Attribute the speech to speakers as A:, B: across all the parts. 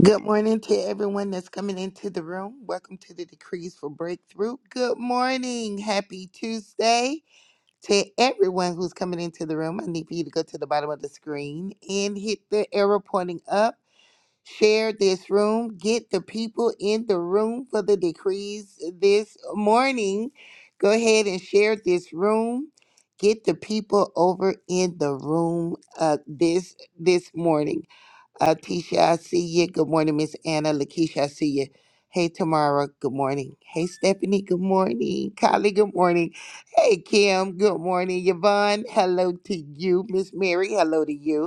A: Good morning to everyone that's coming into the room. Welcome to the Decrees for Breakthrough. Good morning. Happy Tuesday to everyone who's coming into the room. I need for you to go to the bottom of the screen and hit the arrow pointing up. Share this room. Get the people in the room for the decrees this morning. Go ahead and share this room. Get the people over in the room uh, this this morning. Uh, Tisha, I see you. Good morning, Miss Anna. Lakeisha, I see you. Hey, Tamara. Good morning. Hey, Stephanie. Good morning. Kylie. Good morning. Hey, Kim. Good morning. Yvonne. Hello to you. Miss Mary. Hello to you.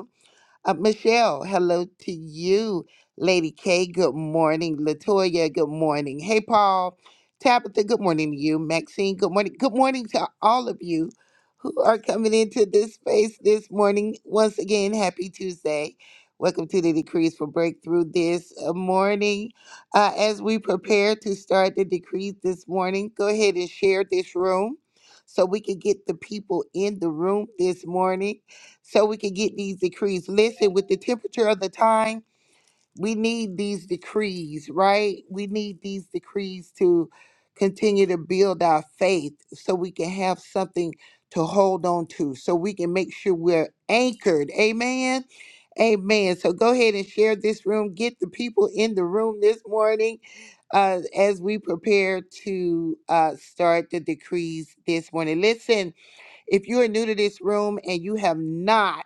A: Uh, Michelle, hello to you. Lady K, good morning. Latoya, good morning. Hey, Paul. Tabitha, good morning to you. Maxine, good morning. Good morning to all of you who are coming into this space this morning. Once again, happy Tuesday. Welcome to the Decrees for Breakthrough this uh, morning. Uh, as we prepare to start the decrees this morning, go ahead and share this room so we can get the people in the room this morning so we can get these decrees. Listen, with the temperature of the time, we need these decrees, right? We need these decrees to continue to build our faith so we can have something to hold on to, so we can make sure we're anchored. Amen. Amen. So go ahead and share this room. Get the people in the room this morning uh, as we prepare to uh, start the decrees this morning. Listen, if you are new to this room and you have not,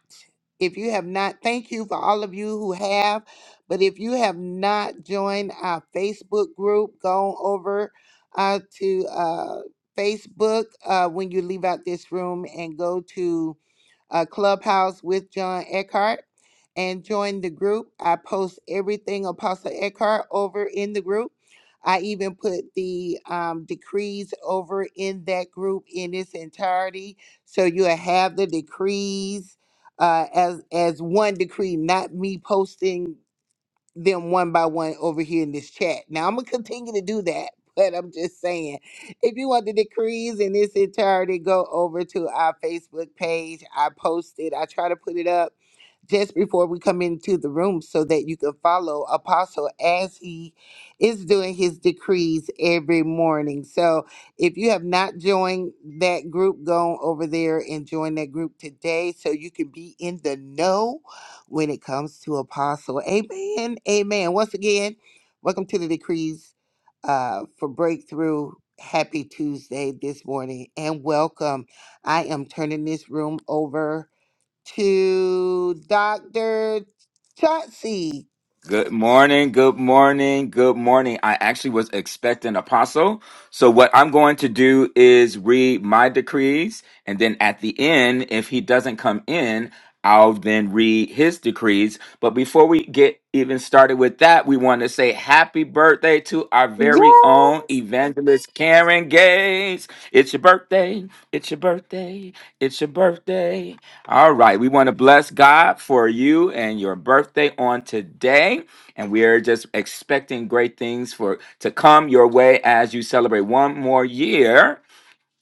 A: if you have not, thank you for all of you who have. But if you have not joined our Facebook group, go over uh, to uh, Facebook uh, when you leave out this room and go to uh, Clubhouse with John Eckhart and join the group. I post everything Apostle Eckhart over in the group. I even put the um, decrees over in that group in its entirety, so you'll have the decrees uh, as as one decree, not me posting them one by one over here in this chat. Now I'm gonna continue to do that, but I'm just saying, if you want the decrees in this entirety, go over to our Facebook page. I posted. I try to put it up just before we come into the room so that you can follow Apostle as he is doing his decrees every morning. So if you have not joined that group, go on over there and join that group today so you can be in the know when it comes to Apostle. Amen. Amen. Once again, welcome to the decrees uh, for breakthrough. Happy Tuesday this morning and welcome. I am turning this room over to Dr. Chauncey.
B: Good morning, good morning, good morning. I actually was expecting apostle. So what I'm going to do is read my decrees and then at the end if he doesn't come in, I'll then read his decrees. But before we get even started with that, we want to say happy birthday to our very own
C: Yes.
B: evangelist Karen Gates. It's your birthday. It's your birthday. It's your birthday. All right. We want to bless God for you and your birthday on today. And we are just expecting great things for to come your way as you celebrate one more year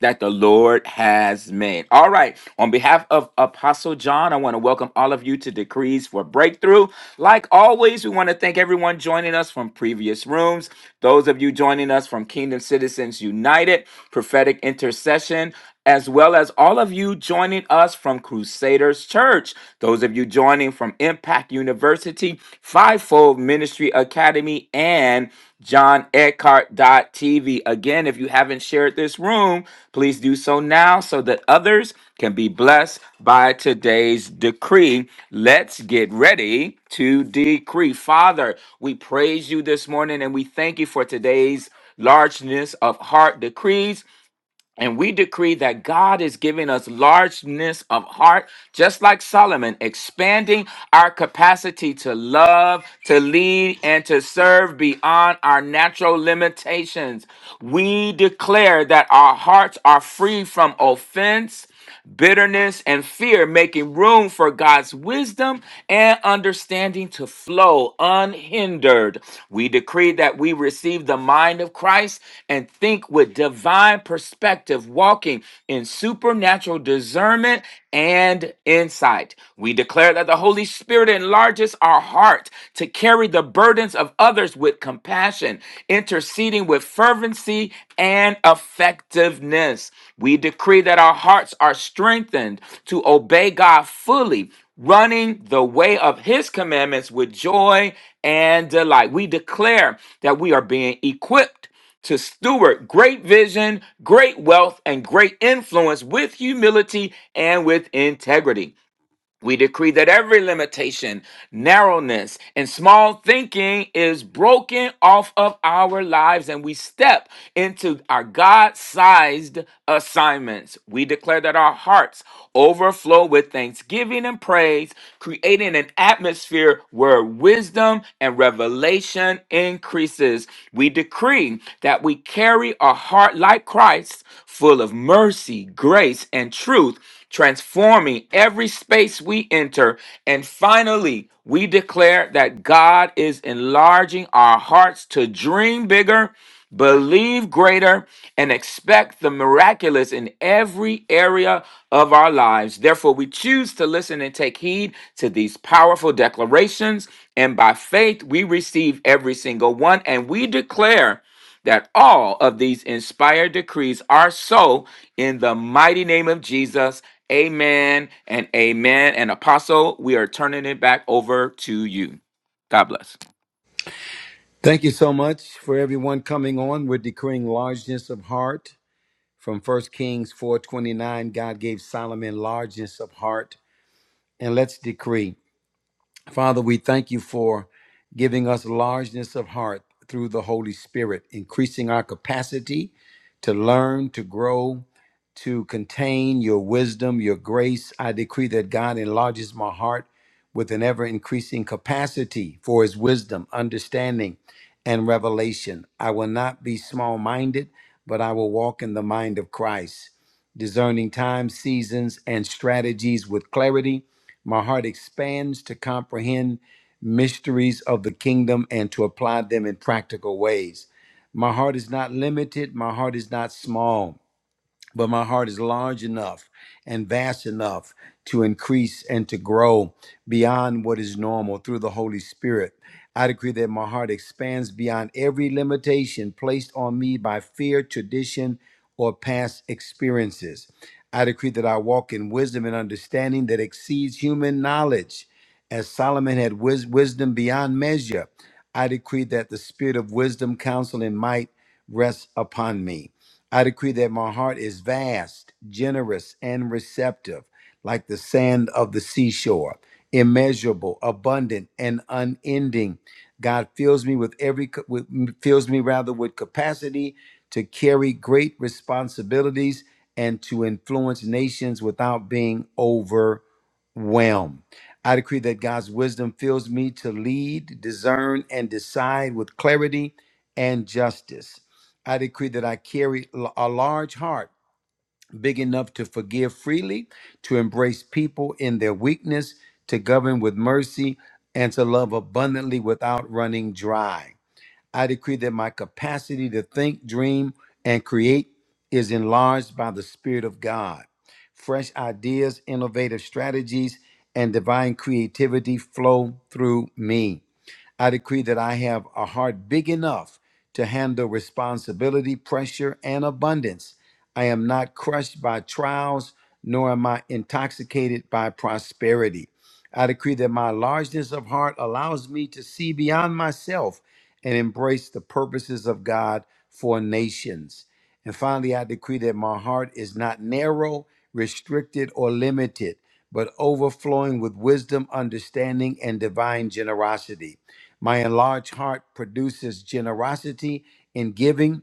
B: that the Lord has made. All right. On behalf of Apostle John, I want to welcome all of you to Decrees for Breakthrough. Like always, we want to thank everyone joining us from previous rooms, those of you joining us from Kingdom Citizens United, Prophetic Intercession. As well as all of you joining us from Crusaders Church, those of you joining from Impact University. University, Fivefold Ministry Academy, and John Eckhart TV. Again, if you haven't shared this room, please do so now so that others can be blessed by today's decree. Let's get ready to decree. Father, we praise you this morning and we thank you for today's largeness of heart decrees. And we decree that God is giving us largeness of heart, just like Solomon, expanding our capacity to love, to lead, and to serve beyond our natural limitations. We declare that our hearts are free from offense bitterness, and fear, making room for God's wisdom and understanding to flow unhindered. We decree that we receive the mind of Christ and think with divine perspective, walking in supernatural discernment and insight. We declare that the Holy Spirit enlarges focus our heart to carry the burdens of others with compassion, interceding with fervency and effectiveness. We decree that our hearts are strengthened to obey God fully, running the way of his commandments with joy and delight. We declare that we are being equipped to steward great vision, great wealth, and great influence with humility and with integrity. We decree that every limitation, narrowness, and small thinking is broken off of our lives and we step into our God sized assignments. We declare that our hearts overflow with thanksgiving and praise, creating an atmosphere where wisdom and revelation increases. We decree that we carry a heart like Christ full of mercy, grace, and truth, transforming every space we enter. And finally, we declare that God is enlarging our hearts to dream bigger, believe greater, and expect the miraculous in every area of our lives. Therefore, we choose to listen and take heed to these powerful declarations. And by faith, we receive every single one. And we declare that all of these inspired decrees are so in the mighty name of Jesus. Amen and amen. And apostle, we are turning it back over to you. God bless.
D: Thank you so much for everyone coming on. We're decreeing largeness of heart from First Kings 4:29. God gave Solomon largeness of heart, and let's decree. Father, we thank you for giving us largeness of heart through the Holy Spirit, increasing our capacity to learn, to grow, to contain your wisdom, your grace. I decree that God enlarges my heart with an ever increasing capacity for his wisdom, understanding, and revelation. I will not be small minded, but I will walk in the mind of Christ, discerning times, seasons, and strategies with clarity my heart expands to comprehend mysteries of the kingdom and to apply them in practical ways. My heart is not limited. My heart is not small but my heart is large enough and vast enough to increase and to grow beyond what is normal through the Holy Spirit. I decree that my heart expands beyond every limitation placed on me by fear, tradition, or past experiences. I decree that I walk in wisdom and understanding that exceeds human knowledge. As Solomon had wis- wisdom beyond measure, I decree that the spirit of wisdom, counsel, and might rests upon me. I decree that my heart is vast, generous, and receptive, like the sand of the seashore, immeasurable, abundant, and unending. God fills me with every with, fills me rather with capacity to carry great responsibilities and to influence nations without being overwhelmed. I decree that God's wisdom fills me to lead, discern, and decide with clarity and justice. I decree that I carry a large heart, big enough to forgive freely, to embrace people in their weakness, to govern with mercy, and to love abundantly without running dry. I decree that my capacity to think, dream, and create is enlarged by the Spirit of God. Fresh ideas, innovative strategies, and divine creativity flow through me. I decree that I have a heart big enough to handle responsibility, pressure, and abundance. I am not crushed by trials, nor am I intoxicated by prosperity. I decree that my largeness of heart allows me to see beyond myself and embrace the purposes of God for nations. And finally, I decree that my heart is not narrow, restricted, or limited, but overflowing with wisdom, understanding, and divine generosity. My enlarged heart produces generosity in giving,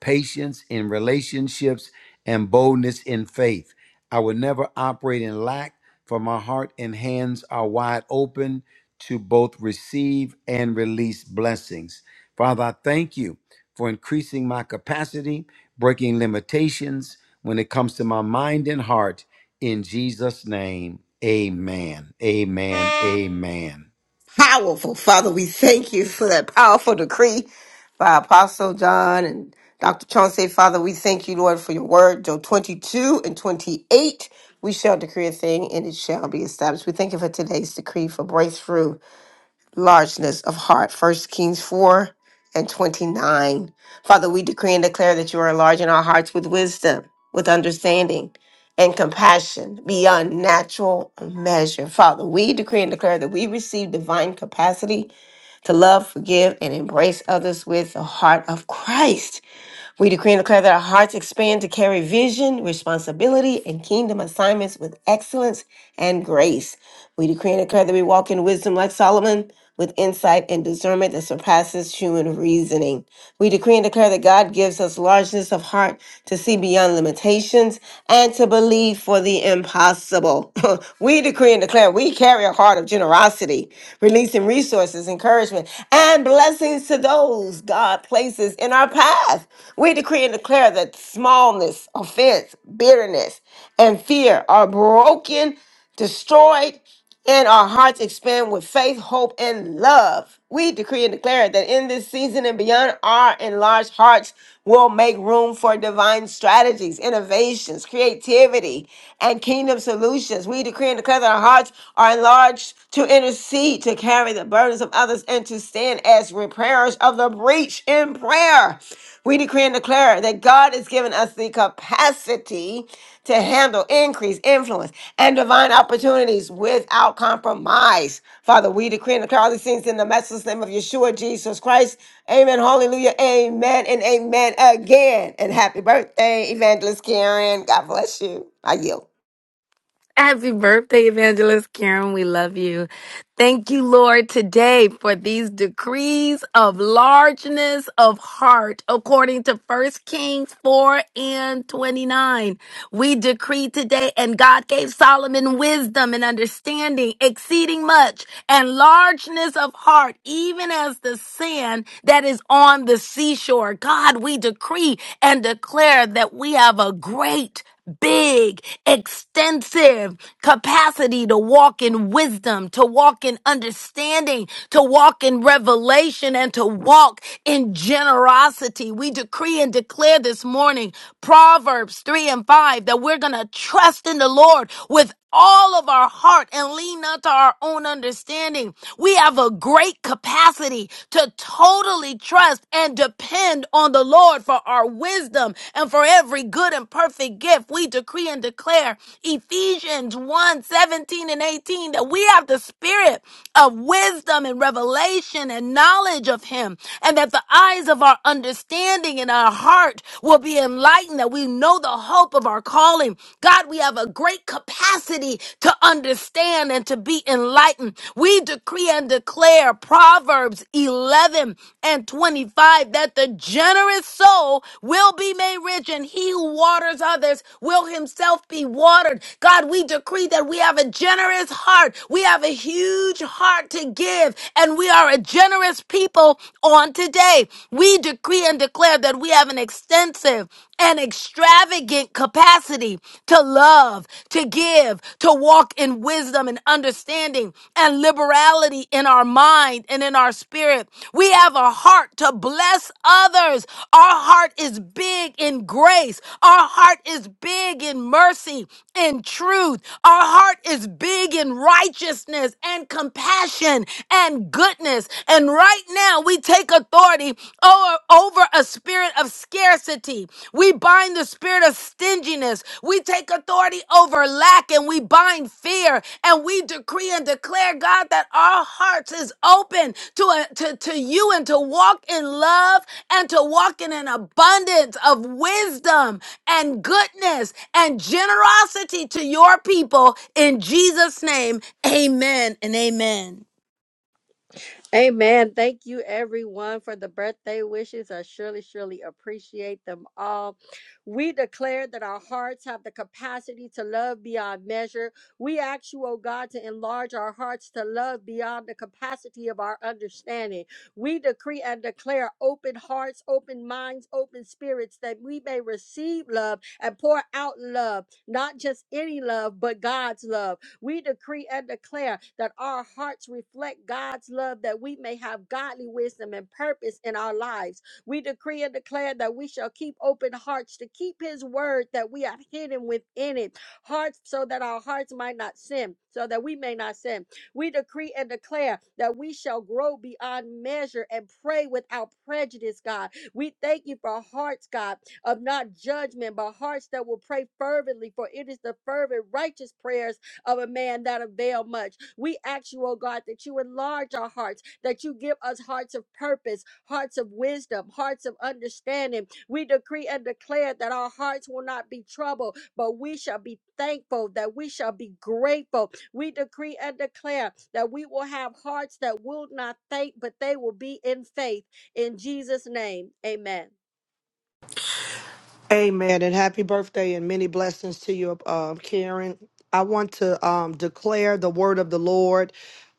D: patience in relationships, and boldness in faith. I will never operate in lack, for my heart and hands are wide open to both receive and release blessings. Father, I thank you for increasing my capacity, breaking limitations when it comes to my mind and heart. In Jesus' name, amen. Amen. Amen.
C: Powerful. Father, we thank you for that powerful decree by Apostle John and Dr. Chauncey. Father, we thank you, Lord, for your word, Joe 22 and 28. We shall decree a thing and it shall be established. We thank you for today's decree for breakthrough. largeness of heart. First Kings 4 and 29. Father, we decree and declare that you are enlarging our hearts with wisdom, with understanding, and compassion beyond natural measure. Father, we decree and declare that we receive divine capacity to love, forgive, and embrace others with the heart of Christ. We decree and declare that our hearts expand to carry vision, responsibility, and kingdom assignments with excellence and grace. We decree and declare that we walk in wisdom like Solomon, with insight and discernment that surpasses human reasoning. We decree and declare that God gives us largeness of heart to see beyond limitations and to believe for the impossible. we decree and declare we carry a heart of generosity, releasing resources, encouragement, and blessings to those God places in our path. We decree and declare that smallness, offense, bitterness, and fear are broken destroyed and our hearts expand with faith, hope, and love. We decree and declare that in this season and beyond, our enlarged hearts will make room for divine strategies, innovations, creativity, and kingdom solutions. We decree and declare that our hearts are enlarged to intercede, to carry the burden burdens of others and to stand as repairers of the breach in prayer. We decree and declare that God has given us the capacity to handle increase, influence, and divine opportunities without compromise. Father, we decree and declare all these things in the matchless name of Yeshua Jesus Christ. Amen. Hallelujah. Amen and amen again. And happy birthday, Evangelist Karen. God bless you. I yield.
E: Happy birthday, Evangelist Karen. We love you. Thank you, Lord, today for these decrees of largeness of heart, according to First Kings 4 and 29. We decree today, and God gave Solomon wisdom and understanding, exceeding much and largeness of heart, even as the sand that is on the seashore. God, we decree and declare that we have a great big, extensive capacity to walk in wisdom, to walk in understanding, to walk in revelation, and to walk in generosity. We decree and declare this morning in Proverbs 3 and 5, that we're going to trust in the Lord with all of our heart and lean not to our own understanding. We have a great capacity to totally trust and depend on the Lord for our wisdom and for every good and perfect gift. We decree and declare Ephesians one 17 and 18 that we have the spirit of wisdom and revelation and knowledge of Him, and that the eyes of our understanding understanding and our heart will be enlightened that we know the hope of our calling. God, we have a great capacity to understand and to be enlightened. We decree and declare Proverbs 11 and 25 that the generous soul will be made rich and he who waters others will himself be watered. God, we decree that we have a generous heart. We have a huge heart to give and we are a generous people on today today we decree and declare that we have an extensive and extravagant capacity to love, to give, to walk in wisdom and understanding and liberality in our mind and in our spirit. We have a heart to bless others. Our heart is big in grace. Our heart is big in mercy and truth. Our heart is big in righteousness and compassion and goodness. And right now, we take authority o- over a spirit of scarcity. We bind the spirit of stinginess. We take authority over lack and we bind fear. And we decree and declare, God, that our hearts is open to, a, to, to you and to walk in love and to walk in an abundance of wisdom and goodness and generosity to your people. In Jesus' name, amen and amen.
F: Amen. Thank you, everyone, for the birthday wishes. I surely, surely appreciate them all. We declare that our hearts have the capacity to love beyond measure. We ask you, oh God, to enlarge our hearts to love beyond the capacity of our understanding. We decree and declare open hearts, open minds, open spirits, that we may receive love and pour out love, not just any love, but God's love. We decree and declare that our hearts reflect God's love, that we may have godly wisdom and purpose in our lives. We decree and declare that we shall keep open hearts to keep His word that we have hidden within it, hearts so that our hearts might not sin, so that we may not sin. We decree and declare that we shall grow beyond measure and pray without prejudice, God. We thank you for hearts, God, of not judgment, but hearts that will pray fervently, for it is the fervent, righteous prayers of a man that avail much. We ask you, oh God, that you enlarge our hearts, that you give us hearts of purpose, hearts of wisdom, hearts of understanding. We decree and declare that our hearts will not be troubled, but we shall be thankful, that we shall be grateful. We decree and declare that we will have hearts that will not thank, but they will be in faith. In Jesus' name, amen.
G: Amen and happy birthday and many blessings to you, um, Karen. I want to um, declare the word of the Lord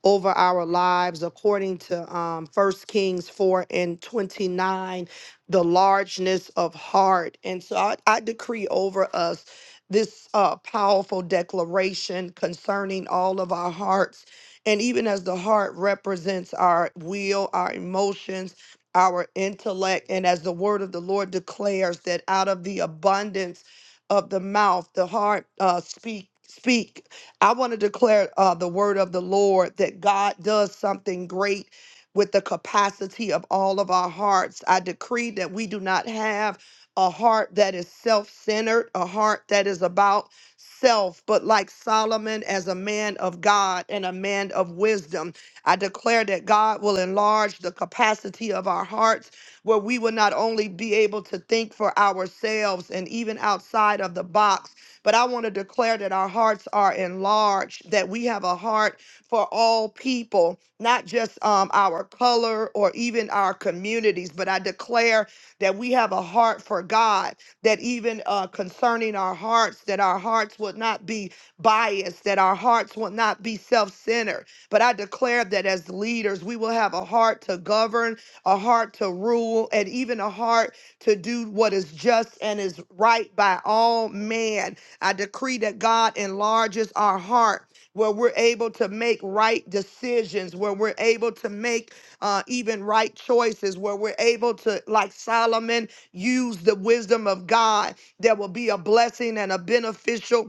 G: over our lives according to um, 1 Kings 4 and 29, the largeness of heart. And so I, I decree over us this uh, powerful declaration concerning all of our hearts. And even as the heart represents our will, our emotions, our intellect. And as the word of the Lord declares that out of the abundance of the mouth, the heart uh, speak. Speak. I want to declare uh, the word of the Lord that God does something great with the capacity of all of our hearts. I decree that we do not have a heart that is self centered, a heart that is about self, but like Solomon, as a man of God and a man of wisdom. I declare that God will enlarge the capacity of our hearts where we will not only be able to think for ourselves and even outside of the box, but I want to declare that our hearts are enlarged, that we have a heart for all people, not just um, our color or even our communities, but I declare that we have a heart for God, that even uh, concerning our hearts, that our hearts would not be biased, that our hearts will not be self centered but I declare that as leaders, we will have a heart to govern, a heart to rule, and even a heart to do what is just and is right by all man. I decree that God enlarges our heart. Where we're able to make right decisions, where we're able to make uh, even right choices, where we're able to, like Solomon, use the wisdom of God. There will be a blessing and a beneficial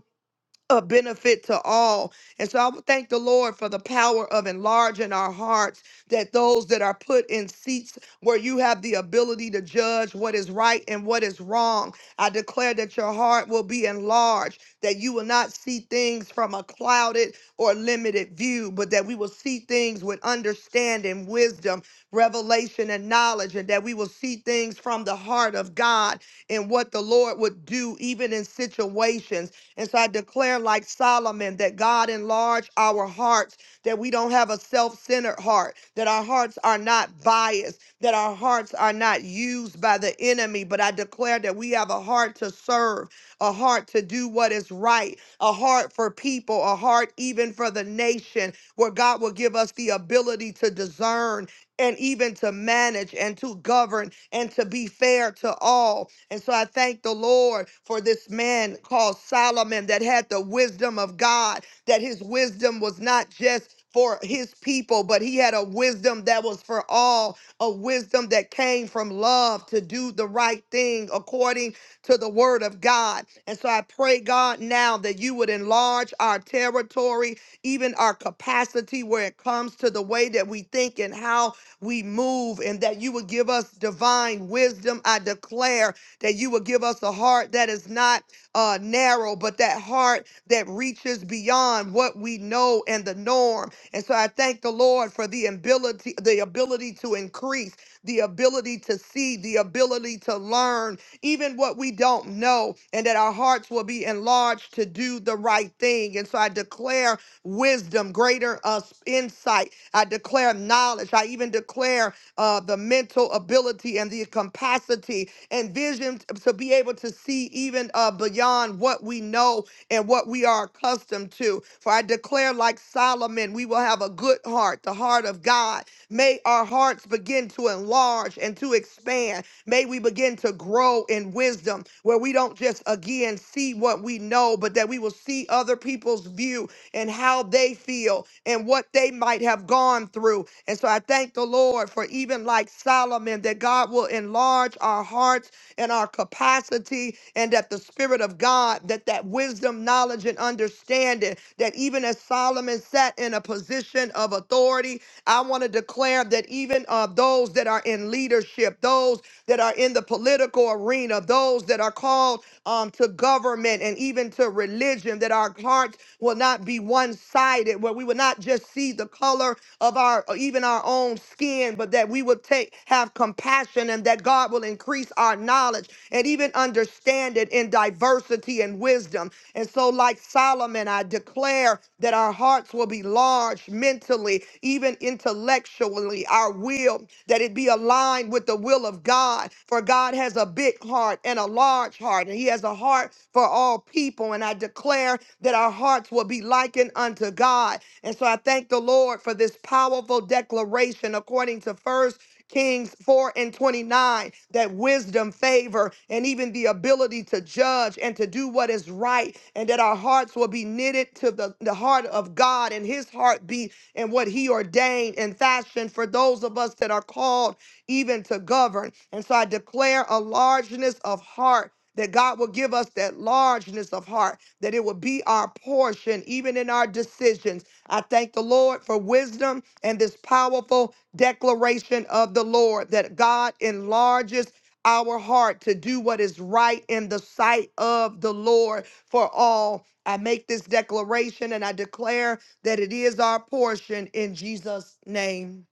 G: a benefit to all. And so I would thank the Lord for the power of enlarging our hearts, that those that are put in seats where you have the ability to judge what is right and what is wrong, I declare that your heart will be enlarged, that you will not see things from a clouded or limited view, but that we will see things with understanding, wisdom, revelation, and knowledge, and that we will see things from the heart of God and what the Lord would do even in situations and so I declare, like Solomon, that God enlarge our hearts, that we don't have a self centered heart, that our hearts are not biased, that our hearts are not used by the enemy. But I declare that we have a heart to serve, a heart to do what is right, a heart for people, a heart even for the nation, where God will give us the ability to discern and even to manage and to govern and to be fair to all. And so I thank the Lord for this man called Solomon that had the wisdom of God, that his wisdom was not just for his people, but he had a wisdom that was for all, a wisdom that came from love to do the right thing according to the word of God. And so I pray, God, now that you would enlarge our territory, even our capacity where it comes to the way that we think and how we move, and that you would give us divine wisdom. I declare that you would give us a heart that is not uh, narrow, but that heart that reaches beyond what we know and the norm. And so I thank the Lord for the ability, the ability to increase, the ability to see, the ability to learn, even what we don't know, and that our hearts will be enlarged to do the right thing. And so I declare wisdom, greater uh, insight. I declare knowledge. I even declare uh, the mental ability and the capacity and vision t- to be able to see even uh, beyond what we know and what we are accustomed to. For I declare, like Solomon, we will have a good heart, the heart of God. May our hearts begin to enlarge and to expand. May we begin to grow in wisdom where we don't just again see what we know, but that we will see other people's view and how they feel and what they might have gone through. And so I thank the Lord for even like Solomon, that God will enlarge our hearts and our capacity, and that the Spirit of God, that that wisdom, knowledge, and understanding, that even as Solomon sat in a position of authority, I want to declare that even of those that are in leadership, those that are in the political arena, those that are called um, to government and even to religion, conversation, that our hearts will not be one sided, where we will not just see the color of our, or even our own skin, but that we will take, have compassion and that God will increase our knowledge and even understanding in diversity and wisdom. And so, like Solomon, I declare that our hearts will be large mentally, even intellectually, our will, that it be aligned with the will of God. For God has a big heart and a large heart, and He has a heart for for all people. And I declare that our hearts will be likened unto God. And so I thank the Lord for this powerful declaration according to First Kings 4 and 29 that wisdom, favor, and even the ability to judge and to do what is right, and that our hearts will be knitted to the, the heart of God and his heart be and what he ordained and fashioned for those of us that are called even to govern. And so I declare a largeness of heart that God will give us that largeness of heart, that it will be our portion, even in our decisions. I thank the Lord for wisdom and this powerful declaration of the Lord that God enlarges our heart to do what is right in the sight of the Lord for all. I make this declaration and I declare that it is our portion in Jesus' name.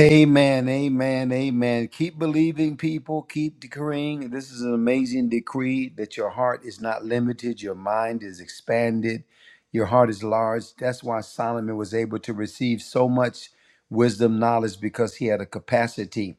D: Amen, amen, amen. Keep believing, people. Keep decreeing. This is an amazing decree that your heart is not limited, your mind is expanded, your heart is large. That's why Solomon was able to receive so much wisdom, knowledge, because he had a capacity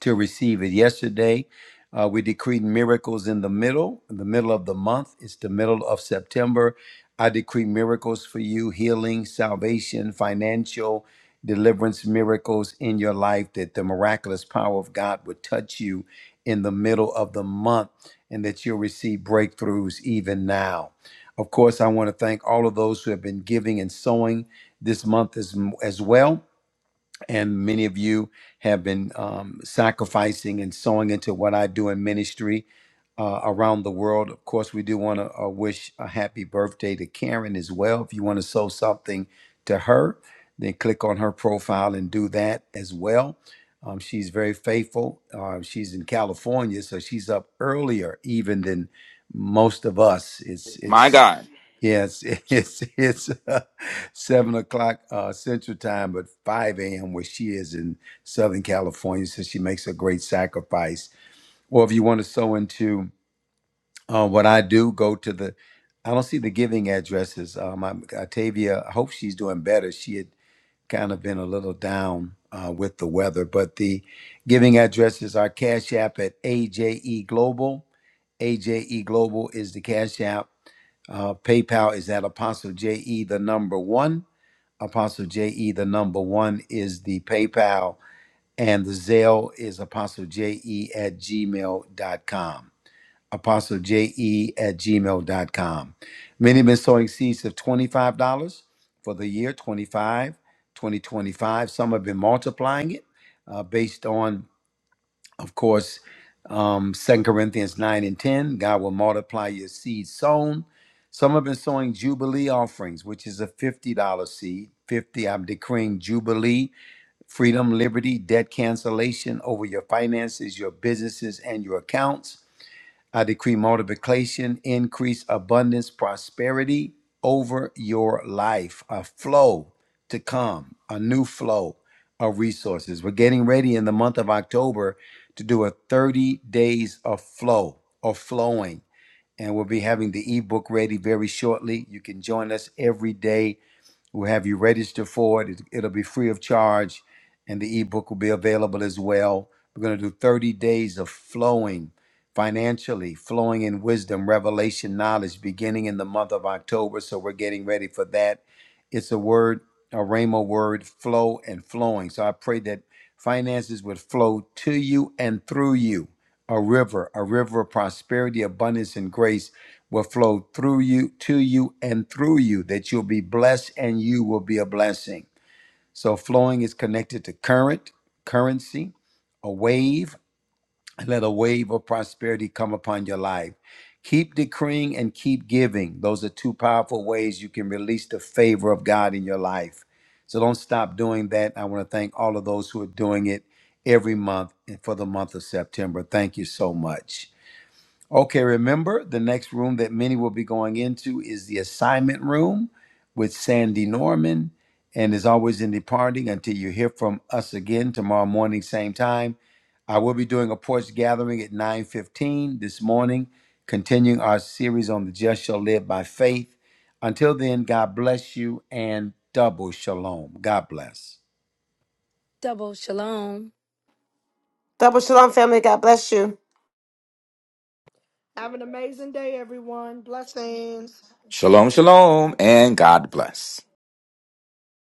D: to receive it. Yesterday, uh, we decreed miracles in the middle, in the middle of the month. It's the middle of September. I decree miracles for you healing, salvation, financial deliverance miracles in your life, that the miraculous power of God would touch you in the middle of the month and that you'll receive breakthroughs even now. Of course, I want to thank all of those who have been giving and sowing this month as, as well and many of you have been um, sacrificing and sowing into what I do in ministry uh, around the world. Of course, we do want to uh, wish a happy birthday to Karen as well. If you want to sow something to her, then click on her profile and do that as well. Um, she's very faithful. Uh, she's in California, so she's up earlier even than most of us. It's
B: My
D: it's
B: God.
D: Yes, it's it's uh, seven o'clock uh, Central Time, but five a.m. where she is in Southern California. So she makes a great sacrifice. Or if you want to sew into uh, what I do, go to the. I don't see the giving addresses. Um, I'm, Octavia, I hope she's doing better. She had kind of been a little down uh, with the weather, but the giving addresses are Cash App at AJE Global. AJE Global is the Cash App. Uh, PayPal is at Apostle JE, the number one. Apostle JE, the number one is the PayPal, and the Zelle is Apostle JE at Gmail dot com. Apostle JE at Gmail dot com. Many have been sowing seeds of $25 for the year 25, 2025. Some have been multiplying it uh, based on of course, um, 2 Corinthians 9 and 10, God will multiply your seed sown. Some have been sowing Jubilee offerings, which is a $50 seed. 50, I'm decreeing Jubilee, freedom, liberty, debt cancellation over your finances, your businesses, and your accounts. I decree multiplication, increase, abundance, prosperity over your life, a flow to come, a new flow of resources. We're getting ready in the month of October to do a 30 days of flow, of flowing. And we'll be having the ebook ready very shortly. You can join us every day We'll have you register for it. It- It'll be free of charge, and the ebook will be available as well. We're going to do 30 days of flowing financially, flowing in wisdom, revelation, knowledge, beginning in the month of October. So we're getting ready for that. It's a word, a rhema word, flow and flowing. So I pray that finances would flow to you and through you a river, a river of prosperity, abundance, and grace will flow through you, to you, and through you, that you'll be blessed and you will be a blessing. So, flowing is connected to current, currency, a wave. Let a wave of prosperity come upon your life. Keep decreeing and keep giving. Those are two powerful ways you can release the favor of God in your life. So, don't stop doing that. I want to thank all of those who are doing it every month and for the month of September. Thank you so much. Okay, remember the next room that many will be going into is the assignment room with Sandy Norman. And is always, in departing, until you hear from us again tomorrow morning, same time, I will be doing a porch gathering at 9:15 this morning, continuing our series on the just shall live by faith. Until then, God bless you and double shalom. God bless.
E: Double shalom.
C: Double Shalom family. God bless you.
G: Have an amazing day, everyone. Blessings.
B: Shalom, shalom, and God bless.